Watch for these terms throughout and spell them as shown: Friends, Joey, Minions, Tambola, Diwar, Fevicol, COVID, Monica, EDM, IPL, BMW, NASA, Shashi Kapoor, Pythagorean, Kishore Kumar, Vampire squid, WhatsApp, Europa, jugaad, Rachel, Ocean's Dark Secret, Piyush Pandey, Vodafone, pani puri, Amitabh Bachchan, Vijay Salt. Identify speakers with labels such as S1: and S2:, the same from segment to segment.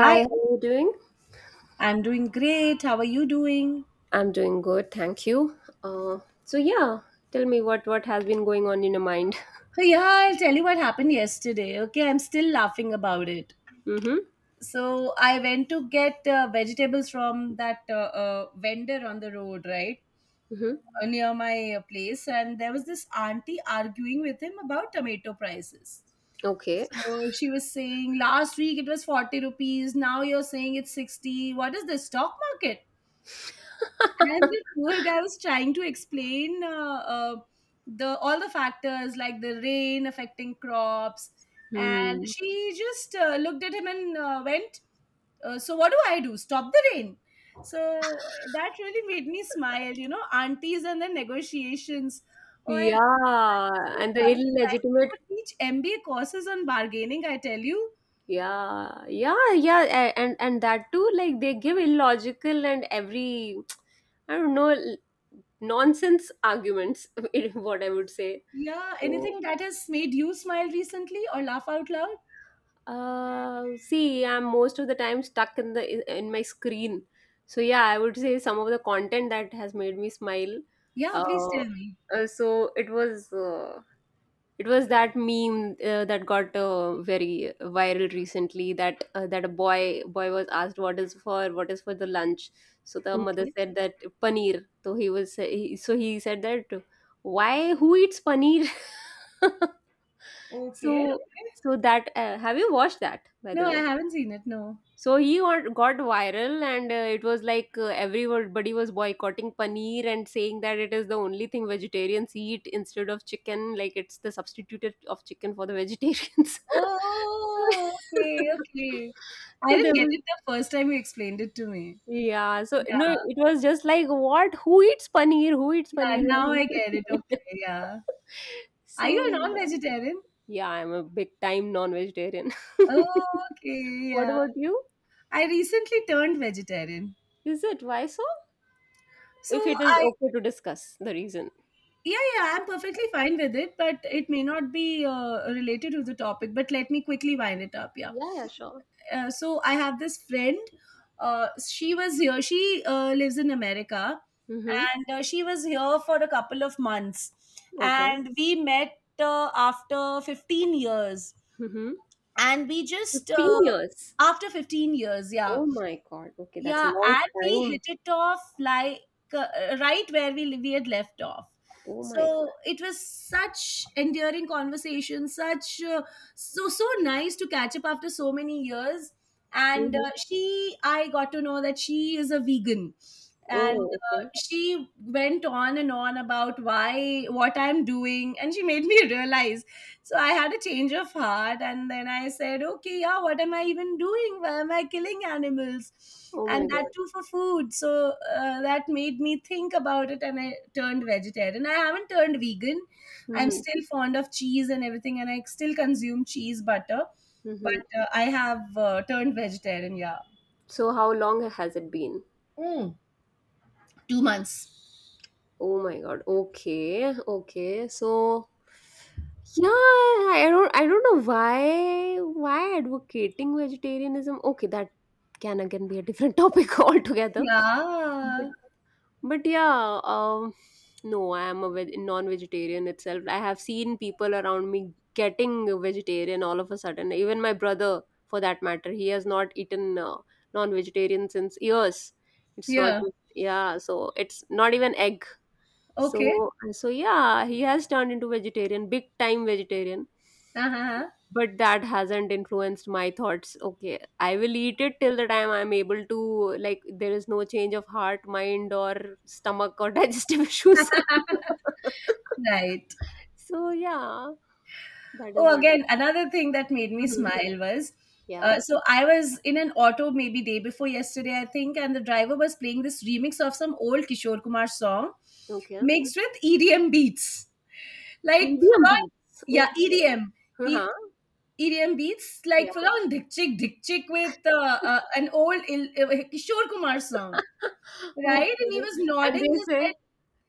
S1: Hi,
S2: how are you doing?
S1: I'm doing great. How are you doing?
S2: I'm doing good, thank you. Uh, so yeah, tell me what has been going on in your mind.
S1: Hey, yeah, I'll tell you what happened yesterday. Okay, I'm still laughing about it.
S2: Mm-hmm.
S1: So I went to get vegetables from that vendor on the road, right?
S2: Mm-hmm.
S1: Near my place, and there was this auntie arguing with him about tomato prices.
S2: Okay.
S1: So she was saying last week it was 40 rupees, now you're saying it's 60. What is this stock market? And the poor guy was trying to explain the all the factors like the rain affecting crops, and
S2: Hmm.
S1: she just looked at him and went, "So what do I do? Stop the rain." So that really made me smile. Aunties and the negotiations. Oh my
S2: Yeah,
S1: god, it's so
S2: and the
S1: funny, right? They could
S2: illegitimate.
S1: teach MBA courses on bargaining, I tell you.
S2: Yeah, yeah, yeah, and that too. Like they give illogical and every I don't know nonsense arguments. What I would say.
S1: Yeah, anything that has made you smile recently or laugh out loud?
S2: See, I'm most of the time stuck in the in my screen. So yeah, I would say some of the content that has made me smile.
S1: Yeah, please
S2: Uh,
S1: tell me.
S2: so it was that meme that got very viral recently. That a boy was asked what is for the lunch. So the mother
S1: Okay.
S2: said that paneer. So so he said that why who eats paneer?
S1: Okay,
S2: so
S1: okay.
S2: so that have you watched that, by the
S1: No, I
S2: way?
S1: haven't seen it. No.
S2: So he got viral, and it was like, everybody was boycotting paneer and saying that it is the only thing vegetarians eat instead of chicken. Like, it's the substitute of chicken for the vegetarians. So,
S1: Oh, okay, okay. I
S2: so
S1: didn't
S2: there
S1: get
S2: was,
S1: it the first time you explained it to me.
S2: yeah. So no,
S1: Yeah,
S2: it was just like, what? Who eats paneer? Who eats
S1: yeah.
S2: paneer?
S1: Now I get it. Okay, yeah.
S2: So
S1: Are you a non-vegetarian?
S2: yeah, I'm a big time non-vegetarian.
S1: Oh, okay,
S2: What
S1: yeah.
S2: about you?
S1: I recently turned vegetarian,
S2: Is it, why so?
S1: so
S2: If it is
S1: I
S2: okay to discuss the reason.
S1: yeah yeah I'm perfectly fine with it, but it may not be related to the topic. But let me quickly wind it up. Yeah.
S2: Yeah, yeah, sure.
S1: So I have this friend. She was here. She lives in America,
S2: Mm-hmm.
S1: and she was here for a couple of months,
S2: Okay.
S1: and we met after 15 years,
S2: Mm-hmm.
S1: and we just
S2: 15 years.
S1: after fifteen years, yeah
S2: Oh my God. Okay, that's a
S1: yeah,
S2: long
S1: and we
S2: time.
S1: hit it off like right where we had left off.
S2: Oh my God.
S1: So it was such endearing conversation, such so nice to catch up after so many years. And
S2: Mm-hmm.
S1: I got to know that she is a vegan, and
S2: Oh, okay.
S1: she went on and on about why what I'm doing, and she made me realize so I had a change of heart, and then I said, okay, yeah, what am I even doing? Why am I killing animals?
S2: Oh my
S1: And that
S2: God.
S1: too for food. So that made me think about it, and I turned vegetarian. I haven't turned vegan. I'm
S2: Mm-hmm.
S1: still fond of cheese and everything, and I still consume cheese, butter, but
S2: Mm-hmm.
S1: I have turned vegetarian, yeah.
S2: So how long has it been?
S1: Mm.
S2: Oh my God. Okay. Okay. So yeah, I don't know why advocating vegetarianism. Okay, that can again be a different topic altogether.
S1: Yeah.
S2: But yeah, no, I am a non-vegetarian itself. I have seen people around me getting a vegetarian all of a sudden. Even my brother, for that matter, he has not eaten non-vegetarian since years. It's not,
S1: Yeah.
S2: yeah, so it's not even egg.
S1: Okay.
S2: So yeah, he has turned into vegetarian, big time vegetarian,
S1: Uh-huh.
S2: but that hasn't influenced my thoughts. Okay, I will eat it till the time I'm able to. Like, there is no change of heart, mind, or stomach, or digestive issues.
S1: Right.
S2: So yeah, that is
S1: Oh,
S2: what.
S1: again, another thing that made me
S2: Mhm.
S1: smile was
S2: Yeah,
S1: so I was in an auto maybe day before yesterday, I think, and the driver was playing this remix of some old Kishore Kumar song
S2: okay,
S1: mixed with EDM beats. Like,
S2: idiom
S1: full on,
S2: beats,
S1: yeah,
S2: okay.
S1: EDM. E-
S2: Uh-huh.
S1: EDM beats, like
S2: Yeah.
S1: full on Dick Chick, Dick Chick with an old Kishore Kumar song, right? And
S2: Okay.
S1: he was
S2: and
S1: nodding
S2: they
S1: his
S2: say
S1: head.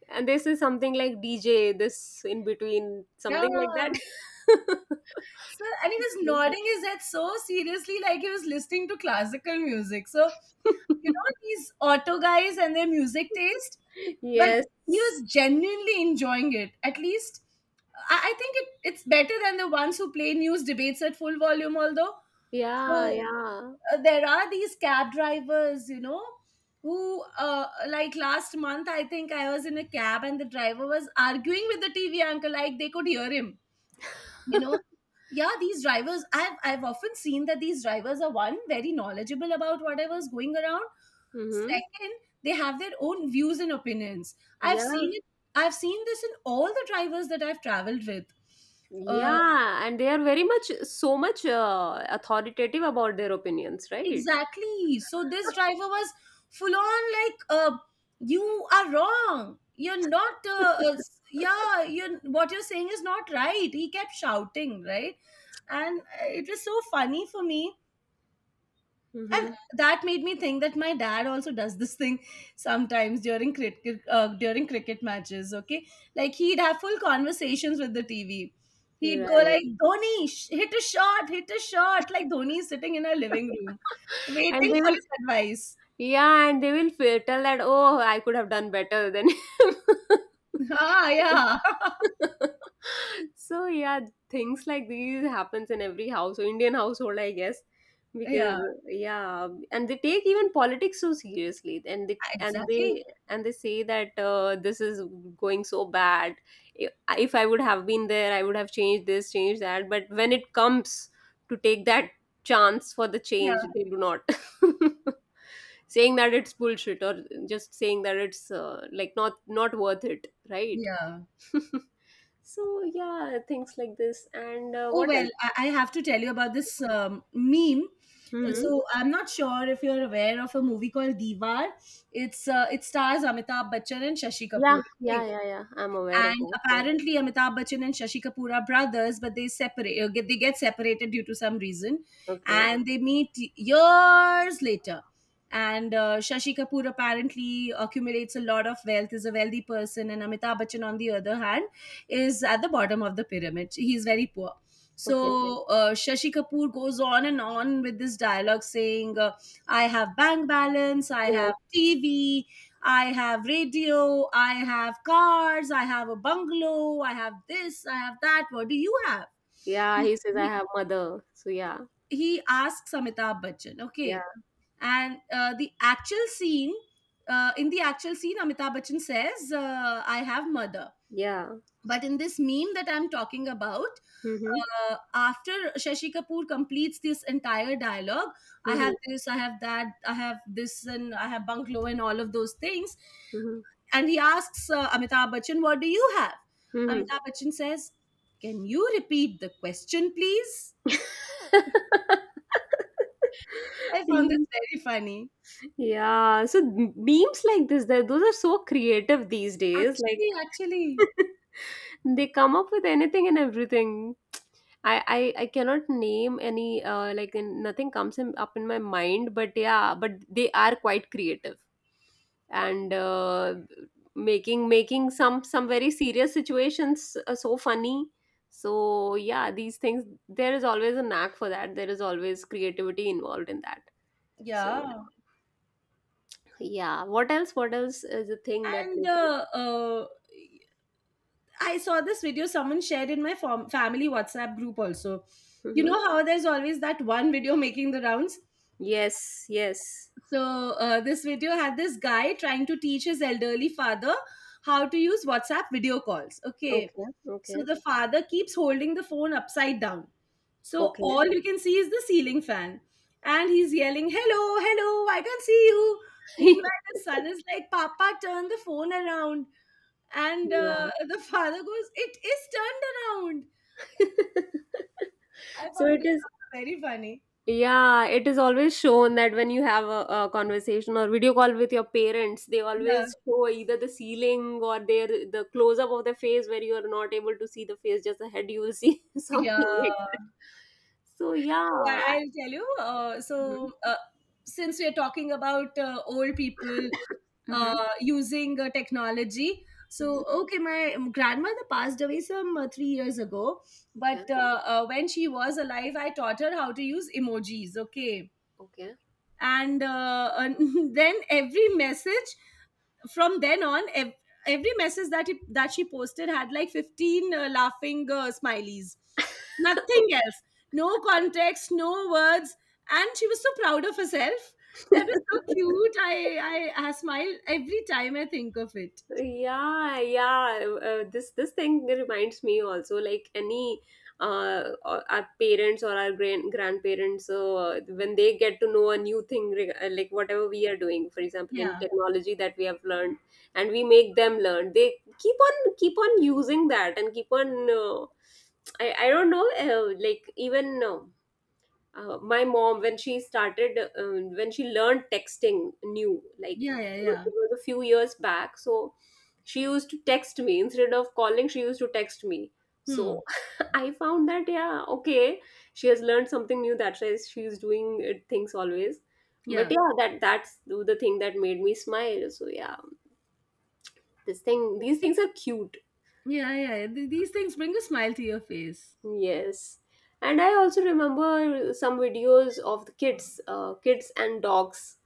S2: and they say something like, DJ, this, in between, something
S1: Yeah.
S2: like that.
S1: So, and he was nodding his head so seriously, like he was listening to classical music. So, you know, these auto guys and their music taste, but
S2: Yes.
S1: he was genuinely enjoying it. At least, I think it's better than the ones who play news debates at full volume, although.
S2: Yeah,
S1: So,
S2: yeah.
S1: there are these cab drivers, you know, who, like last month, I think I was in a cab and the driver was arguing with the TV uncle, like they could hear him, you know. Yeah, these drivers, I've often seen that these drivers are, one, very knowledgeable about whatever's going around.
S2: Mm-hmm.
S1: Second, they have their own views and opinions. I've seen
S2: Yeah,
S1: it. I've seen this in all the drivers that I've traveled with. uh,
S2: yeah, and they are very much, so much, authoritative about their opinions, right?
S1: exactly. So this driver was full on like you are wrong, you're not yeah, you're, what you're saying is not right, he kept shouting, right? And it was so funny for me, and
S2: Mm-hmm.
S1: that made me think that my dad also does this thing sometimes during cricket matches, okay? Like he'd have full conversations with the TV. He'd
S2: You're
S1: go
S2: right.
S1: like, Dhoni, hit a shot, hit a shot, like Dhoni is sitting in our living room
S2: And
S1: waiting
S2: they
S1: for
S2: will,
S1: his advice.
S2: yeah, and they will fe- tell that, oh, I could have done better than him.
S1: Ah yeah.
S2: So yeah, things like these happens in every house Indian household, I guess. Because,
S1: Yeah,
S2: yeah, and they take even politics so seriously, and they and
S1: exactly.
S2: they and they say that, this is going so bad. If, if I would have been there, I would have changed this, changed that. But when it comes to take that chance for the
S1: Yeah,
S2: change, they do not. Saying that it's bullshit, or just saying that it's like, not worth it, right?
S1: yeah.
S2: So yeah, things like this. And
S1: Oh
S2: what
S1: well,
S2: else?
S1: I have to tell you about this meme. Mm.
S2: Hmm.
S1: So I'm not sure if you're aware of a movie called Diwar. It's it stars Amitabh Bachchan and Shashi Kapoor.
S2: Yeah,
S1: Okay,
S2: yeah, yeah, yeah. I'm aware of
S1: and
S2: that. Yeah.
S1: apparently, Amitabh Bachchan and Shashi Kapoor are brothers, but they get separated due to some reason,
S2: Okay.
S1: and they meet years later. And Shashi Kapoor apparently accumulates a lot of wealth, is a wealthy person, and Amitabh Bachchan, on the other hand, is at the bottom of the pyramid. He's very poor.
S2: Okay.
S1: So Shashi Kapoor goes on and on with this dialogue, saying, "I have bank balance, I have
S2: Yes.
S1: TV, I have radio, I have cars, I have a bungalow, I have this, I have that. What do you have?"
S2: Yeah.
S1: He,
S2: He says I
S1: he,
S2: have mother. So yeah.
S1: he asks Amitabh Bachchan, okay.
S2: Yeah.
S1: And in the actual scene, Amitabh Bachchan says, I have mother.
S2: Yeah.
S1: But in this meme that I'm talking about,
S2: Mm-hmm.
S1: after Shashi Kapoor completes this entire dialogue, I have
S2: Mm-hmm.
S1: this, I have that, I have this, and I have bungalow, and all of those things,
S2: Mm-hmm.
S1: and he asks Amitabh Bachchan, what do you have?
S2: Mm-hmm.
S1: Amitabh Bachchan says, can you repeat the question, please? I found this very funny.
S2: Yeah. So memes like this, that those are so creative these days.
S1: Actually,
S2: Like,
S1: actually,
S2: they come up with anything and everything. I cannot name any, like, in, nothing comes in, up in my mind, but yeah, but they are quite creative, and making some very serious situations so funny. So yeah, these things, there is always a knack for that. There is always creativity involved in that. So
S1: yeah.
S2: yeah, what else? What else is the thing that?
S1: And I saw this video someone shared in my family WhatsApp group also. You
S2: Mm-hmm.
S1: know how there's always that one video making the rounds?
S2: Yes, yes.
S1: So this video had this guy trying to teach his elderly father how to use WhatsApp video calls. Okay.
S2: Okay,
S1: So
S2: okay,
S1: the father keeps holding the phone upside down. So
S2: okay.
S1: all you can see is the ceiling fan. And he's yelling, hello, hello, I can see you. Meanwhile, the son is like, Papa, turn the phone around. And
S2: Yeah.
S1: the father goes, it is turned around. I
S2: So
S1: found
S2: it
S1: this
S2: is,
S1: very funny.
S2: yeah, it is always shown that when you have a conversation or video call with your parents, they
S1: Yeah.
S2: always show either the ceiling or the close up of the face, where you are not able to see the face, just the head you will see
S1: Yeah.
S2: something like that. So yeah.
S1: Oh, I'll tell you.
S2: Mm-hmm.
S1: So, since we're talking about old people
S2: Mm-hmm.
S1: using technology, so okay, my grandmother passed away some 3 years ago, but
S2: Okay.
S1: when she was alive, I taught her how to use emojis, okay? And, and then every message from then on every message that she posted had like 15 laughing smileys, nothing else, no context, no words, and she was so proud of herself. That
S2: Okay.
S1: was so cute, I smile every time I think of it.
S2: Yeah, yeah, this thing reminds me also, like, any or our parents or our grandparents, when they get to know a new thing, like, whatever we are doing, for example in
S1: Yeah,
S2: technology, that we have learned, and we make them learn, they keep on using that, and keep on. I don't know, like, even, my mom, when she started, when she learned texting new, like,
S1: yeah, yeah, yeah.
S2: it was a few years back, so she used to text me instead of calling, she used to text me.
S1: Hmm.
S2: So I found that, yeah, okay, she has learned something new, that's why she's doing it, things always. But
S1: Yeah,
S2: yeah, that's the thing that made me smile, so yeah, this thing, these things are cute.
S1: yeah, yeah. Yeah. These things bring a smile to your face.
S2: Yes. And I also remember some videos of the kids, kids and dogs,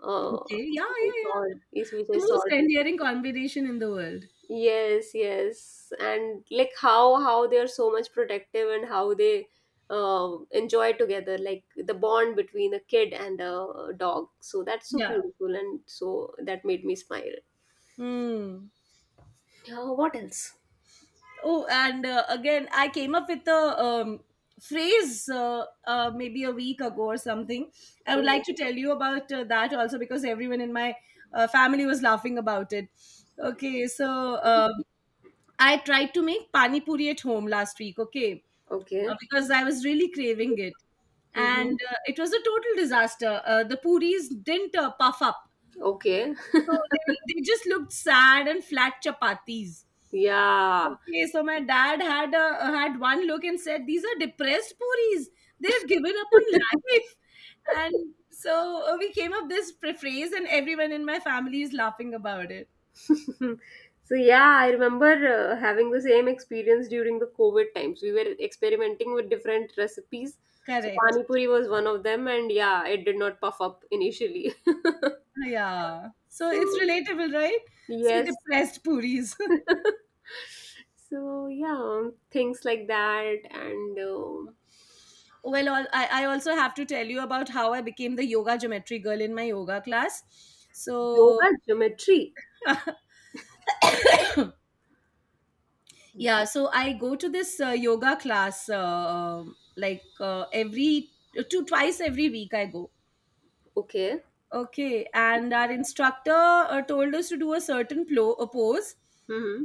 S1: Okay, yeah,
S2: Vijay
S1: yeah, yeah,
S2: Salt is
S1: the
S2: Vijay
S1: most
S2: Salt.
S1: endearing combination in the world.
S2: Yes, yes, and like, how they are so much protective, and how they enjoy together, like the bond between a kid and a dog. So that's so
S1: Yeah.
S2: beautiful, and so that made me smile.
S1: Hmm.
S2: What else?
S1: Oh, and again, I came up with a phrase maybe a week ago or something. I would
S2: Hmm.
S1: like to tell you about that also because everyone in my family was laughing about it. Okay, so I tried to make pani puri at home last week, okay,
S2: Okay.
S1: because I was really craving it.
S2: Hmm.
S1: And it was a total disaster. The puris didn't puff up
S2: Okay.
S1: so they just looked sad and flat chapatis.
S2: Yeah.
S1: Okay, so my dad had one look and said, "These are depressed puris. They've given up on life." And so we came up this phrase, and everyone in my family is laughing about it.
S2: So yeah, I remember having the same experience during the COVID times, we were experimenting with different recipes, so
S1: Correct.
S2: pani puri was one of them, and yeah, it did not puff up initially.
S1: Yeah. So it's
S2: So
S1: relatable, right? So
S2: yes.
S1: depressed puris.
S2: So yeah, things like that. And
S1: Well, I also have to tell you about how I became the yoga geometry girl in my yoga class. So
S2: yoga geometry.
S1: yeah, so I go to this yoga class like every two twice every week I go.
S2: Okay.
S1: Okay, and our instructor told us to do a certain plo- a pose
S2: Mm-hmm.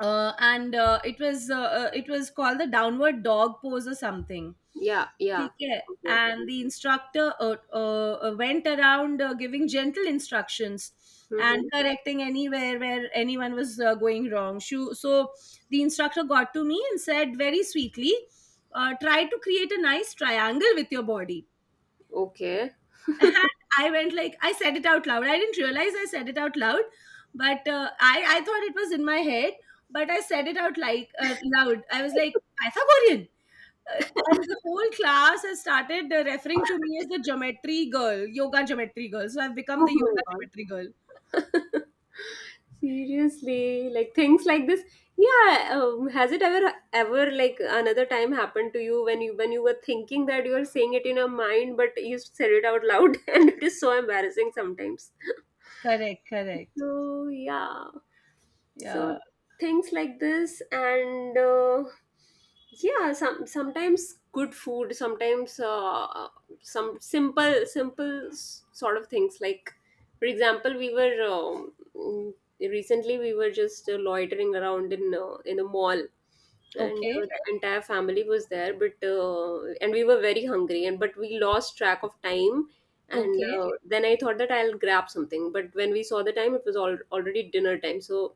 S1: and it was called the downward dog pose or something.
S2: Yeah, yeah,
S1: Okay.
S2: okay.
S1: And the instructor went around giving gentle instructions and
S2: Mm-hmm.
S1: correcting anywhere where anyone was going wrong. So the instructor got to me and said very sweetly, try to create a nice triangle with your body.
S2: Okay.
S1: And I went like, I said it out loud. I didn't realize I said it out loud, but I thought it was in my head, but I said it out like loud. I was like, Pythagorean. And the whole class has started referring to me as the geometry girl, yoga geometry girl. So I've become
S2: Oh
S1: the
S2: my
S1: yoga
S2: God.
S1: geometry girl.
S2: Seriously, like things like this. Yeah, has it ever like another time happened to you, when you were thinking that you were saying it in your mind, but you said it out loud, and it is so embarrassing sometimes.
S1: Correct, correct.
S2: So yeah, so
S1: Yeah.
S2: things like this, and yeah, sometimes good food, sometimes some simple sort of things, like, for example, we were, recently we were just loitering around in a mall, and
S1: Okay.
S2: the entire family was there, but and we were very hungry, and but we lost track of time. And
S1: Okay.
S2: then I thought that I'll grab something, but when we saw the time, it was already dinner time, so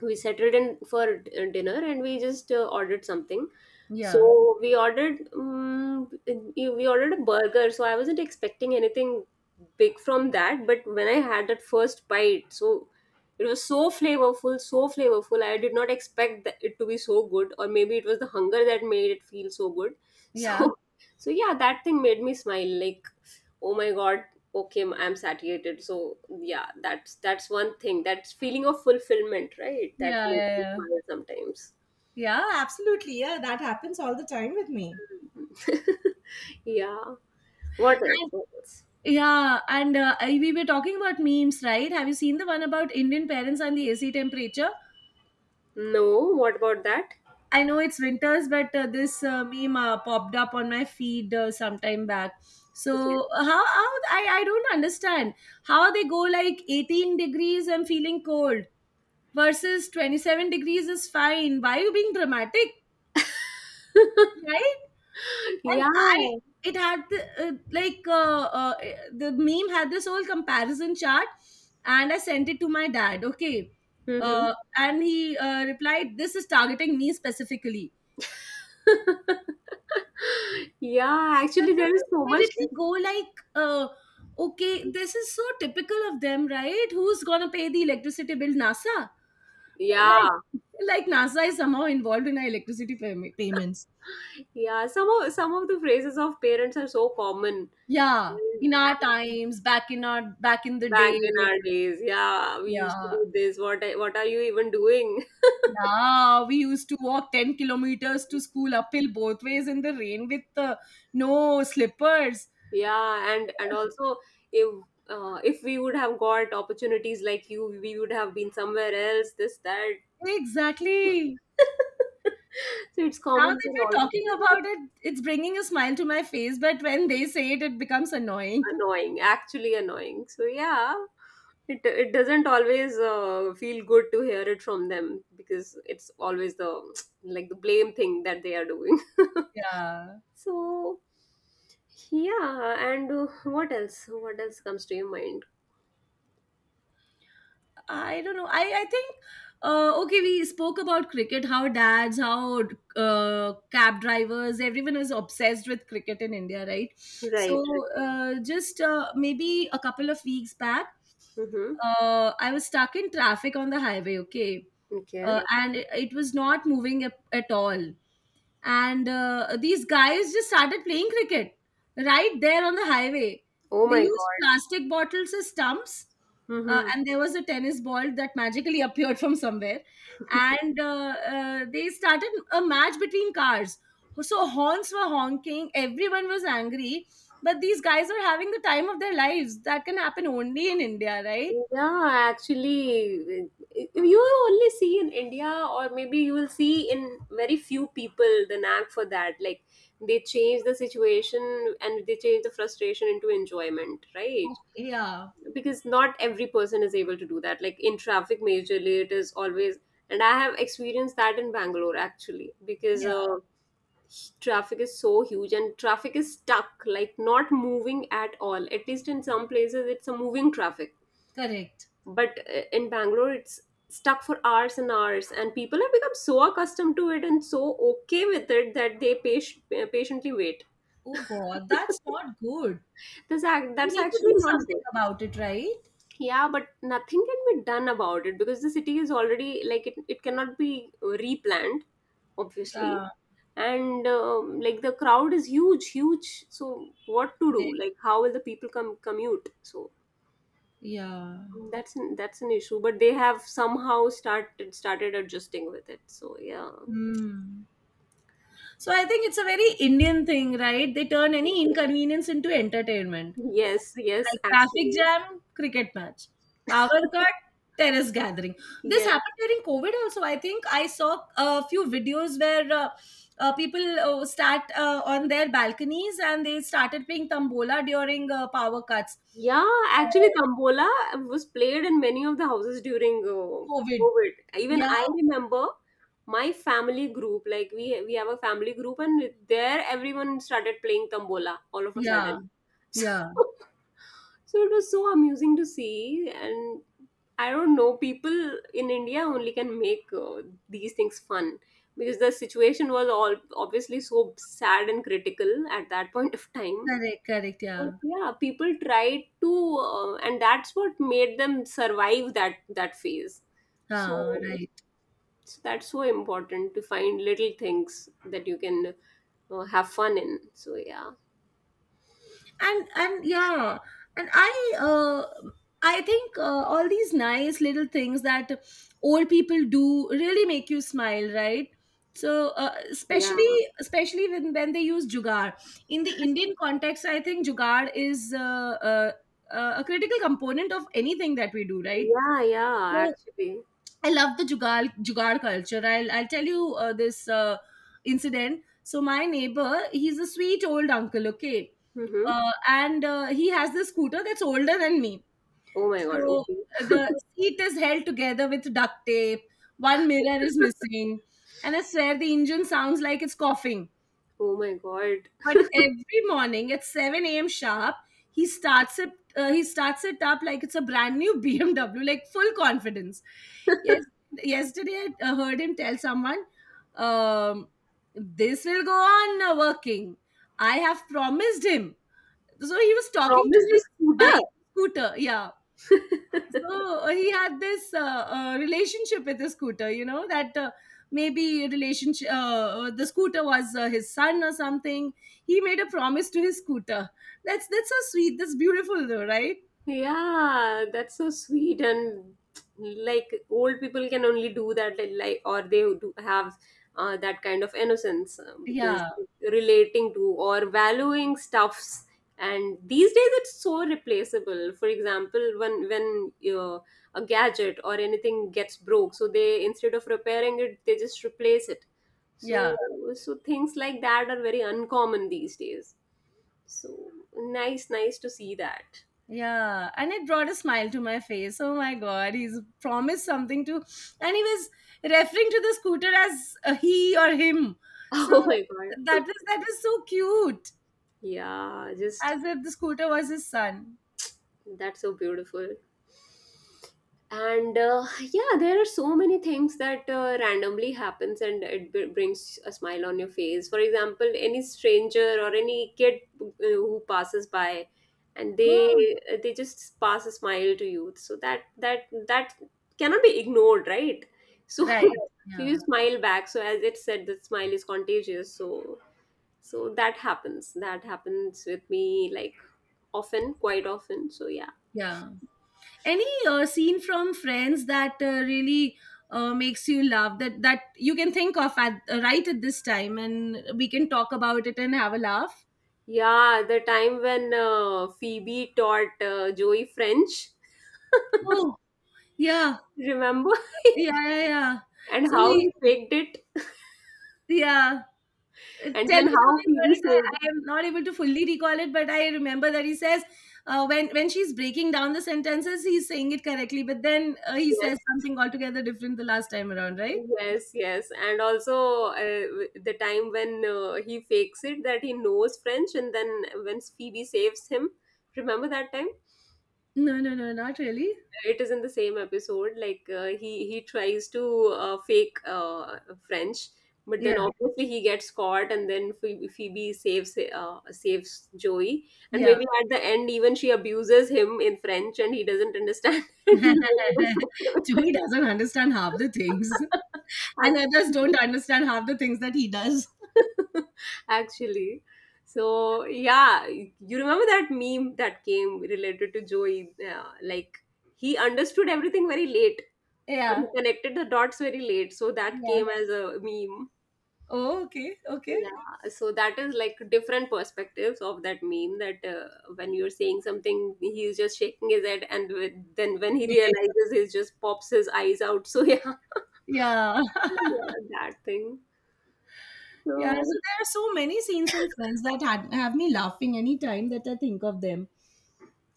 S2: we settled in for dinner, and we just ordered something.
S1: Yeah.
S2: So we ordered a burger, so I wasn't expecting anything big from that, but when I had that first bite, so it was so flavorful, so flavorful, I did not expect that it to be so good, or maybe it was the hunger that made it feel so good.
S1: Yeah.
S2: So so yeah, that thing made me smile, like, oh my God, okay, I'm satiated. So yeah, that's one thing, that's feeling of fulfillment, right, that
S1: Yeah. Yeah.
S2: makes me
S1: Yeah.
S2: smile
S1: Yeah. Absolutely. Yeah. That happens all the time with me.
S2: sometimes. Yeah, what else? What else?
S1: Yeah, and we were talking about memes, right? Have you seen the one about Indian parents and the AC temperature?
S2: No, what about that?
S1: I know it's winters, but this meme popped up on my feed sometime back.
S2: Okay,
S1: So uh, how I don't understand how they go like 18 degrees and feeling cold versus 27 degrees is fine. Why are you being dramatic, right? And
S2: yeah.
S1: I, it had the meme had this whole comparison chart, and I sent it to my dad. Okay,
S2: Hmm.
S1: and he replied, "This is targeting me specifically."
S2: Yeah,
S1: And
S2: actually,
S1: then
S2: there is
S1: they
S2: so much.
S1: immediately go like, "Okay, this is so typical of them, right? Who's gonna pay the electricity bill? NASA,
S2: Yeah,
S1: like, like NASA is somehow involved in our electricity payments."
S2: yeah, some of the phrases of parents are so common.
S1: Yeah,
S2: And
S1: in our times, back in the
S2: back in
S1: day.
S2: our days, yeah, we used to
S1: Yeah.
S2: do this. What are you even doing?
S1: Yeah, we used to walk 10 kilometers to school uphill both ways in the rain with no slippers.
S2: Yeah, and also, if if we would have got opportunities like you, we would have been somewhere else, this, that.
S1: Exactly.
S2: So it's
S1: Now
S2: common for
S1: that we're
S2: all the
S1: talking
S2: parents.
S1: about it, it's bringing a smile to my face, but when they say it, it becomes annoying.
S2: Annoying, actually annoying. So yeah, it doesn't always feel good to hear it from them, because it's always the like the blame thing that they are doing.
S1: Yeah.
S2: So yeah, and what else? What else comes to your mind?
S1: I don't know. I think okay, we spoke about cricket, how dads, how cab drivers, everyone is obsessed with cricket in India, right?
S2: Right.
S1: So just maybe a couple of weeks back,
S2: Mm-hmm.
S1: I was stuck in traffic on the highway. Okay,
S2: Okay.
S1: and it was not moving at all. And these guys just started playing cricket right there on the highway.
S2: Oh
S1: They
S2: my
S1: used
S2: God.
S1: plastic bottles as stumps
S2: Mm-hmm.
S1: and there was a tennis ball that magically appeared from somewhere and they started a match between cars, so horns were honking, everyone was angry, but these guys were having the time of their lives. That can happen only in India, right?
S2: Yeah, actually, you only see in India, or maybe you will see in very few people the knack for that. Like, they change the situation, and they change the frustration into enjoyment, right?
S1: Okay, yeah,
S2: Because not every person is able to do that. Like, in traffic, majorly, it is always, and I have experienced that in Bangalore actually, because
S1: yeah,
S2: traffic is so huge, and traffic is stuck, like, not moving at all. At least in some places, it's a moving traffic
S1: correct.
S2: but in bangalore it's stuck for hours and hours, and people have become so accustomed to it and so okay with it that they patiently wait.
S1: Oh God, that's not good.
S2: That's act
S1: We
S2: that's
S1: need to
S2: actually
S1: do
S2: not
S1: something
S2: good.
S1: about it, right?
S2: Yeah, but nothing can be done about it because the city is already like it cannot be replanned, obviously.
S1: Yeah,
S2: And like the crowd is huge huge, so what to do,
S1: correct.
S2: like how will the people come commute? So
S1: Yeah.
S2: that's an issue, but they have somehow started adjusting with it. So yeah.
S1: Hmm. So I think it's a very Indian thing, right? They turn any inconvenience into entertainment.
S2: Yes, yes,
S1: Like traffic
S2: actually.
S1: jam, cricket match. Power cut, terrace gathering. This
S2: Yes.
S1: happened during COVID also. I think I saw a few videos where people start on their balconies and they started playing tambola during power cuts.
S2: Yeah, actually
S1: Uh,
S2: Tambola was played in many of the houses during
S1: COVID.
S2: COVID. Even
S1: Yeah.
S2: I remember my family group, like we have a family group, and there everyone started playing Tambola all of a sudden.
S1: Yeah.
S2: So
S1: Yeah.
S2: So it was so amusing to see. And I don't know, people in India only can make these things fun, because the situation was all obviously so sad and critical at that point of time.
S1: Correct. Correct.
S2: But
S1: Yeah.
S2: yeah, people tried to, and that's what made them survive that phase.
S1: Ah,
S2: So,
S1: right.
S2: so that's so important to find little things that you can have fun in. So yeah,
S1: And yeah, and I think all these nice little things that old people do really make you smile, right? So
S2: yeah,
S1: especially when they use jugaad in the Indian context. I think jugaad is a critical component of anything that we do, right?
S2: yeah, yeah.
S1: So
S2: Actually,
S1: I love the jugaad culture. I'll tell you this incident. So my neighbor, he's a sweet old uncle. Okay,
S2: mm-hmm.
S1: and he has this scooter that's older than me.
S2: Oh my God.
S1: So
S2: Okay.
S1: the seat is held together with duct tape. One mirror is missing. And I swear the engine sounds like it's coughing.
S2: Oh my God.
S1: But every morning at 7 a.m. sharp, he starts it. He starts it up like it's a brand new BMW, like full confidence. Yes, yesterday I heard him tell someone, um, "This will go on working. I have promised him." So he was talking to
S2: Promise the
S1: his
S2: scooter.
S1: bike scooter. Yeah. So he had this relationship with the scooter, you know, that the scooter was his son or something. He made a promise to his scooter. That's so sweet. That's beautiful though, right?
S2: Yeah, that's so sweet. And like old people can only do that, like, or they do have that kind of innocence, because
S1: Yeah.
S2: relating to or valuing stuffs, and these days it's so replaceable. For example, when a gadget or anything gets broke, so they, instead of repairing it, they just replace it. so
S1: Yeah.
S2: so things like that are very uncommon these days. So nice, nice to see that.
S1: Yeah, and it brought a smile to my face. Oh my god, he's promised something to, and he was referring to the scooter as he or him. So
S2: Oh my God.
S1: that was so cute.
S2: Yeah, just
S1: As if the scooter was his son.
S2: that's so beautiful. And yeah, there are so many things that randomly happens and it brings a smile on your face. For example, any stranger or any kid who passes by, and
S1: Oh,
S2: they just pass a smile to you. So that cannot be ignored, right? So
S1: right.
S2: so
S1: Yeah,
S2: you smile back. So as it said, the smile is contagious. So that happens with me, like often, quite often, so yeah.
S1: yeah. Any scene from Friends that really makes you laugh, that you can think of at right at this time, and we can talk about it and have a laugh?
S2: Yeah, the time when Phoebe taught Joey French,
S1: Oh, yeah,
S2: remember?
S1: yeah, yeah, yeah.
S2: And
S1: So
S2: how
S1: he,
S2: he faked it,
S1: yeah.
S2: and
S1: Tell
S2: then
S1: me
S2: how
S1: something about
S2: Phoebe
S1: it.
S2: saved.
S1: I am not able to fully recall it, but I remember that he says uh, when she's breaking down the sentences, he's saying it correctly, but then he says
S2: Yes,
S1: something altogether different the last time around, right?
S2: yes, yes, and also, the time when he fakes it that he knows French, and then when Phoebe saves him, remember that time?
S1: No, no, no, not really.
S2: It is in the same episode, like he tries to fake French, but
S1: Yeah,
S2: then obviously he gets caught, and then Phoebe saves, saves Joey. And
S1: yeah.
S2: maybe at the end, even she abuses him in French and he doesn't understand and he was like,
S1: Joey doesn't understand half the things, and
S2: Ac-
S1: others don't understand half the things that he does.
S2: actually, so yeah, you remember that meme that came related to Joey, like he understood everything very late. But he
S1: Yeah,
S2: connected the dots very late, so that
S1: yeah.
S2: came as a meme.
S1: Oh, okay, okay.
S2: Yeah, so that is like different perspectives of that meme. That, when you're saying something, he's just shaking his head, and then when he realizes, he just pops his eyes out. So yeah,
S1: Yeah.
S2: yeah, that thing.
S1: Yeah,
S2: So
S1: so there are so many scenes in Friends that had, have me laughing any time that I think of them.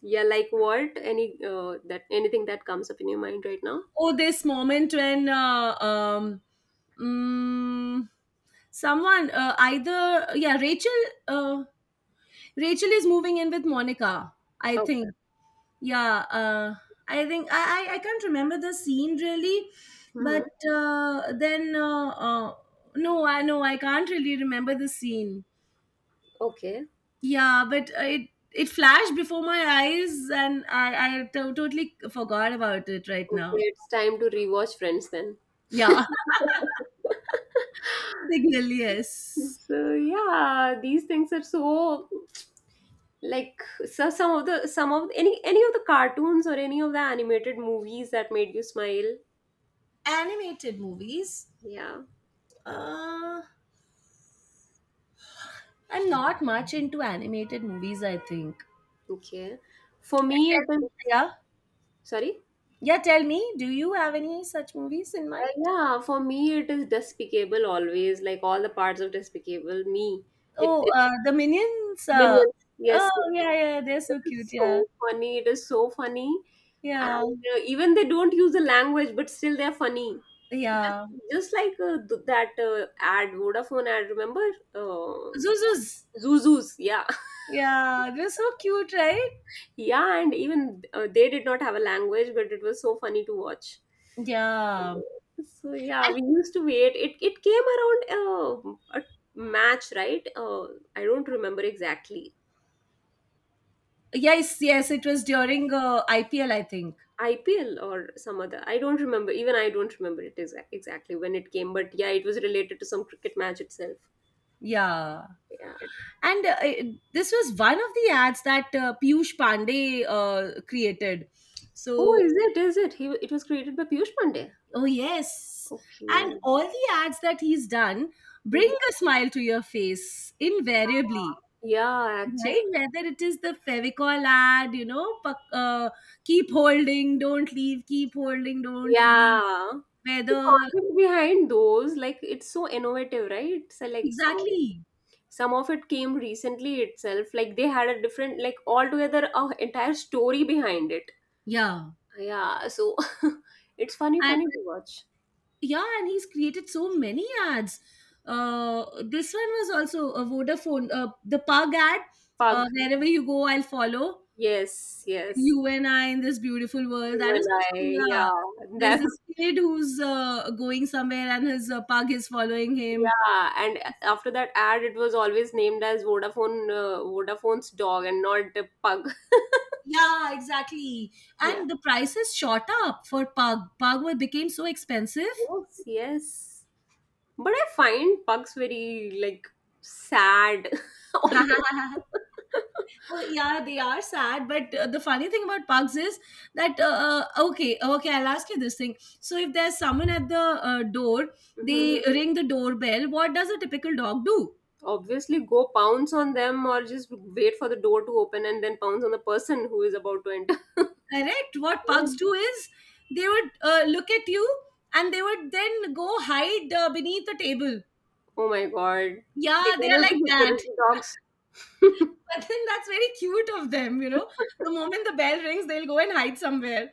S2: yeah, like what? Anything that comes up in your mind right now?
S1: Oh, this moment when mm, someone either yeah Rachel, uh, Rachel is moving in with Monica, I
S2: Okay.
S1: think. Yeah, I think I can't remember the scene really,
S2: Hmm.
S1: but then no, I can't really remember the scene.
S2: Okay.
S1: Yeah, but it flashed before my eyes, and I totally forgot about it right
S2: Okay,
S1: now.
S2: it's time to rewatch Friends then.
S1: Yeah, Signal. Yes,
S2: So yeah, these things are so, like, so some of any of the cartoons or any of the animated movies that made you smile.
S1: animated movies.
S2: Yeah,
S1: Uh, I'm not much into animated movies, I think.
S2: okay. For me, it is,
S1: Yeah,
S2: sorry,
S1: yeah. Tell me, do you have any such movies in mind?
S2: yeah, for me it is Despicable, always, like all the parts of Despicable Me. it,
S1: Oh,
S2: it
S1: the Minions.
S2: Minions,
S1: Oh,
S2: yes, yes.
S1: yeah, yeah. They're so
S2: It is
S1: cute.
S2: so
S1: Yeah,
S2: funny, it is so funny.
S1: yeah,
S2: And even they don't use the language, but still they're funny. Just,
S1: yeah.
S2: just like that ad, Vodafone ad, remember?
S1: Zuzus.
S2: Uh, Zuzus, yeah.
S1: Yeah, they're so cute, right?
S2: Yeah, and even they did not have a language, but it was so funny to watch.
S1: Yeah.
S2: So yeah, we used to wait. It came around a match, right? I don't remember exactly.
S1: Yes, yes, it was during IPL, I think.
S2: IPL or some other. I don't remember. Even I don't remember it exactly when it came, but yeah, it was related to some cricket match itself.
S1: Yeah.
S2: Yeah.
S1: And this was one of the ads that Piyush Pandey created.
S2: Oh,
S1: So,
S2: is it? Is it? It was created by Piyush Pandey.
S1: oh, yes. And
S2: Okay.
S1: all the ads that he's done bring
S2: Mhm.
S1: a smile to your face, invariably.
S2: Yeah, yeah,
S1: Right?
S2: actually.
S1: Whether it is the Fevicol ad, you know, keep holding, don't leave, keep holding, don't leave.
S2: Yeah. The
S1: Whether,
S2: concept behind those, like, it's so innovative, right? So, like, some,
S1: exactly.
S2: some of it came recently itself. Like, they had a different, like, altogether, a entire story behind it.
S1: Yeah.
S2: Yeah, so it's funny,
S1: And
S2: funny to watch.
S1: yeah, and he's created so many ads. This one was also a Vodafone, the pug ad,
S2: Pug.
S1: wherever you go, I'll follow,
S2: Yes, yes.
S1: you and I in this beautiful world.
S2: You
S1: That is
S2: and
S1: also,
S2: I.
S1: yeah,
S2: Yeah.
S1: there's
S2: That
S1: this kid who's going somewhere and his pug is following him.
S2: Yeah, and after that ad, it was always named as Vodafone, Vodafone's dog, and not a pug.
S1: Yeah, exactly.
S2: Yeah.
S1: And the prices shot up for pug. Became so expensive.
S2: Yes, yes. But I find pugs very, like, sad always.
S1: Oh yeah, they are sad, but the funny thing about pugs is that okay, okay, I'll ask you this thing. So, if there's someone at the door,
S2: Mhm.
S1: they ring the doorbell. What does a typical dog do?
S2: Obviously, go pounce on them or just wait for the door to open and then pounce on the person who is about to enter.
S1: Correct. What
S2: Yes.
S1: pugs do is they would look at you and they would then go hide beneath the table.
S2: Oh my God. They
S1: Yeah, they are
S2: cannot
S1: like
S2: be
S1: that.
S2: security dogs.
S1: But then that's very cute of them, you know. The moment the bell rings, they'll go and hide somewhere.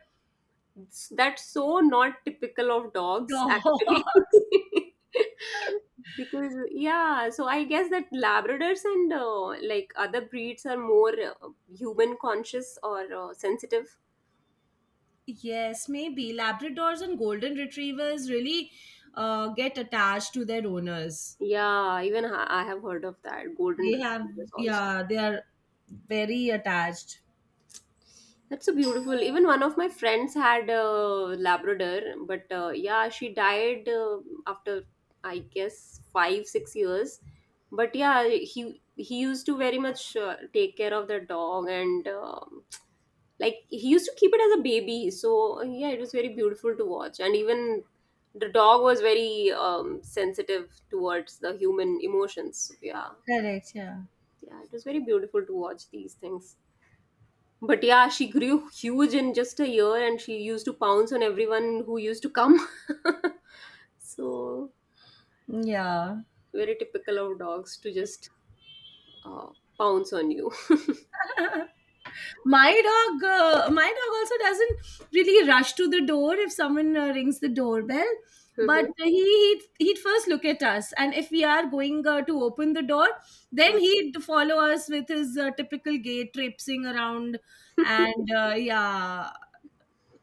S2: That's so not typical of dogs,
S1: Dog.
S2: actually. Because, yeah, so I guess that Labradors and like other breeds are more human conscious or sensitive.
S1: Yes, maybe. Labradors and golden retrievers really get attached to their owners.
S2: Yeah, even I have heard of that. Golden
S1: They have,
S2: Retrievers also.
S1: yeah, they are very attached.
S2: That's so beautiful. Even one of my friends had a Labrador, but yeah, she died after, I guess, 5-6 years. But yeah, he used to very much take care of the dog. And like he used to keep it as a baby. So yeah, it was very beautiful to watch. And even the dog was very sensitive towards the human emotions. Yeah,
S1: Correct, yeah.
S2: yeah, it was very beautiful to watch these things. But yeah, she grew huge in just a year, and she used to pounce on everyone who used to come. So,
S1: Yeah.
S2: very typical of dogs to just uh, pounce on you.
S1: My dog also doesn't really rush to the door if someone rings the doorbell, but
S2: Mhm.
S1: he'd first look at us, and if we are going to open the door, then he'd follow us with his typical gait, traipsing around, and yeah,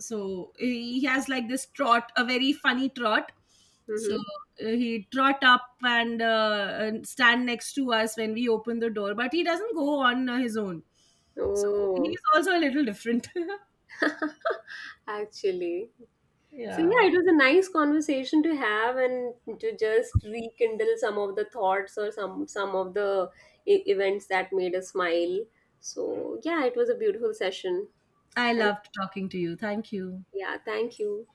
S1: so he has like this trot, a very funny trot. So
S2: Mhm.
S1: he trot up and stand next to us when we open the door, but he doesn't go on his own. So
S2: Oh,
S1: he's also a little different.
S2: actually. So
S1: Yeah,
S2: yeah, it was a nice conversation to have and to just rekindle some of the thoughts, or some of the events that made us smile. So yeah, it was a beautiful session.
S1: I
S2: Thank,
S1: loved talking to you. Thank you.
S2: yeah, thank you.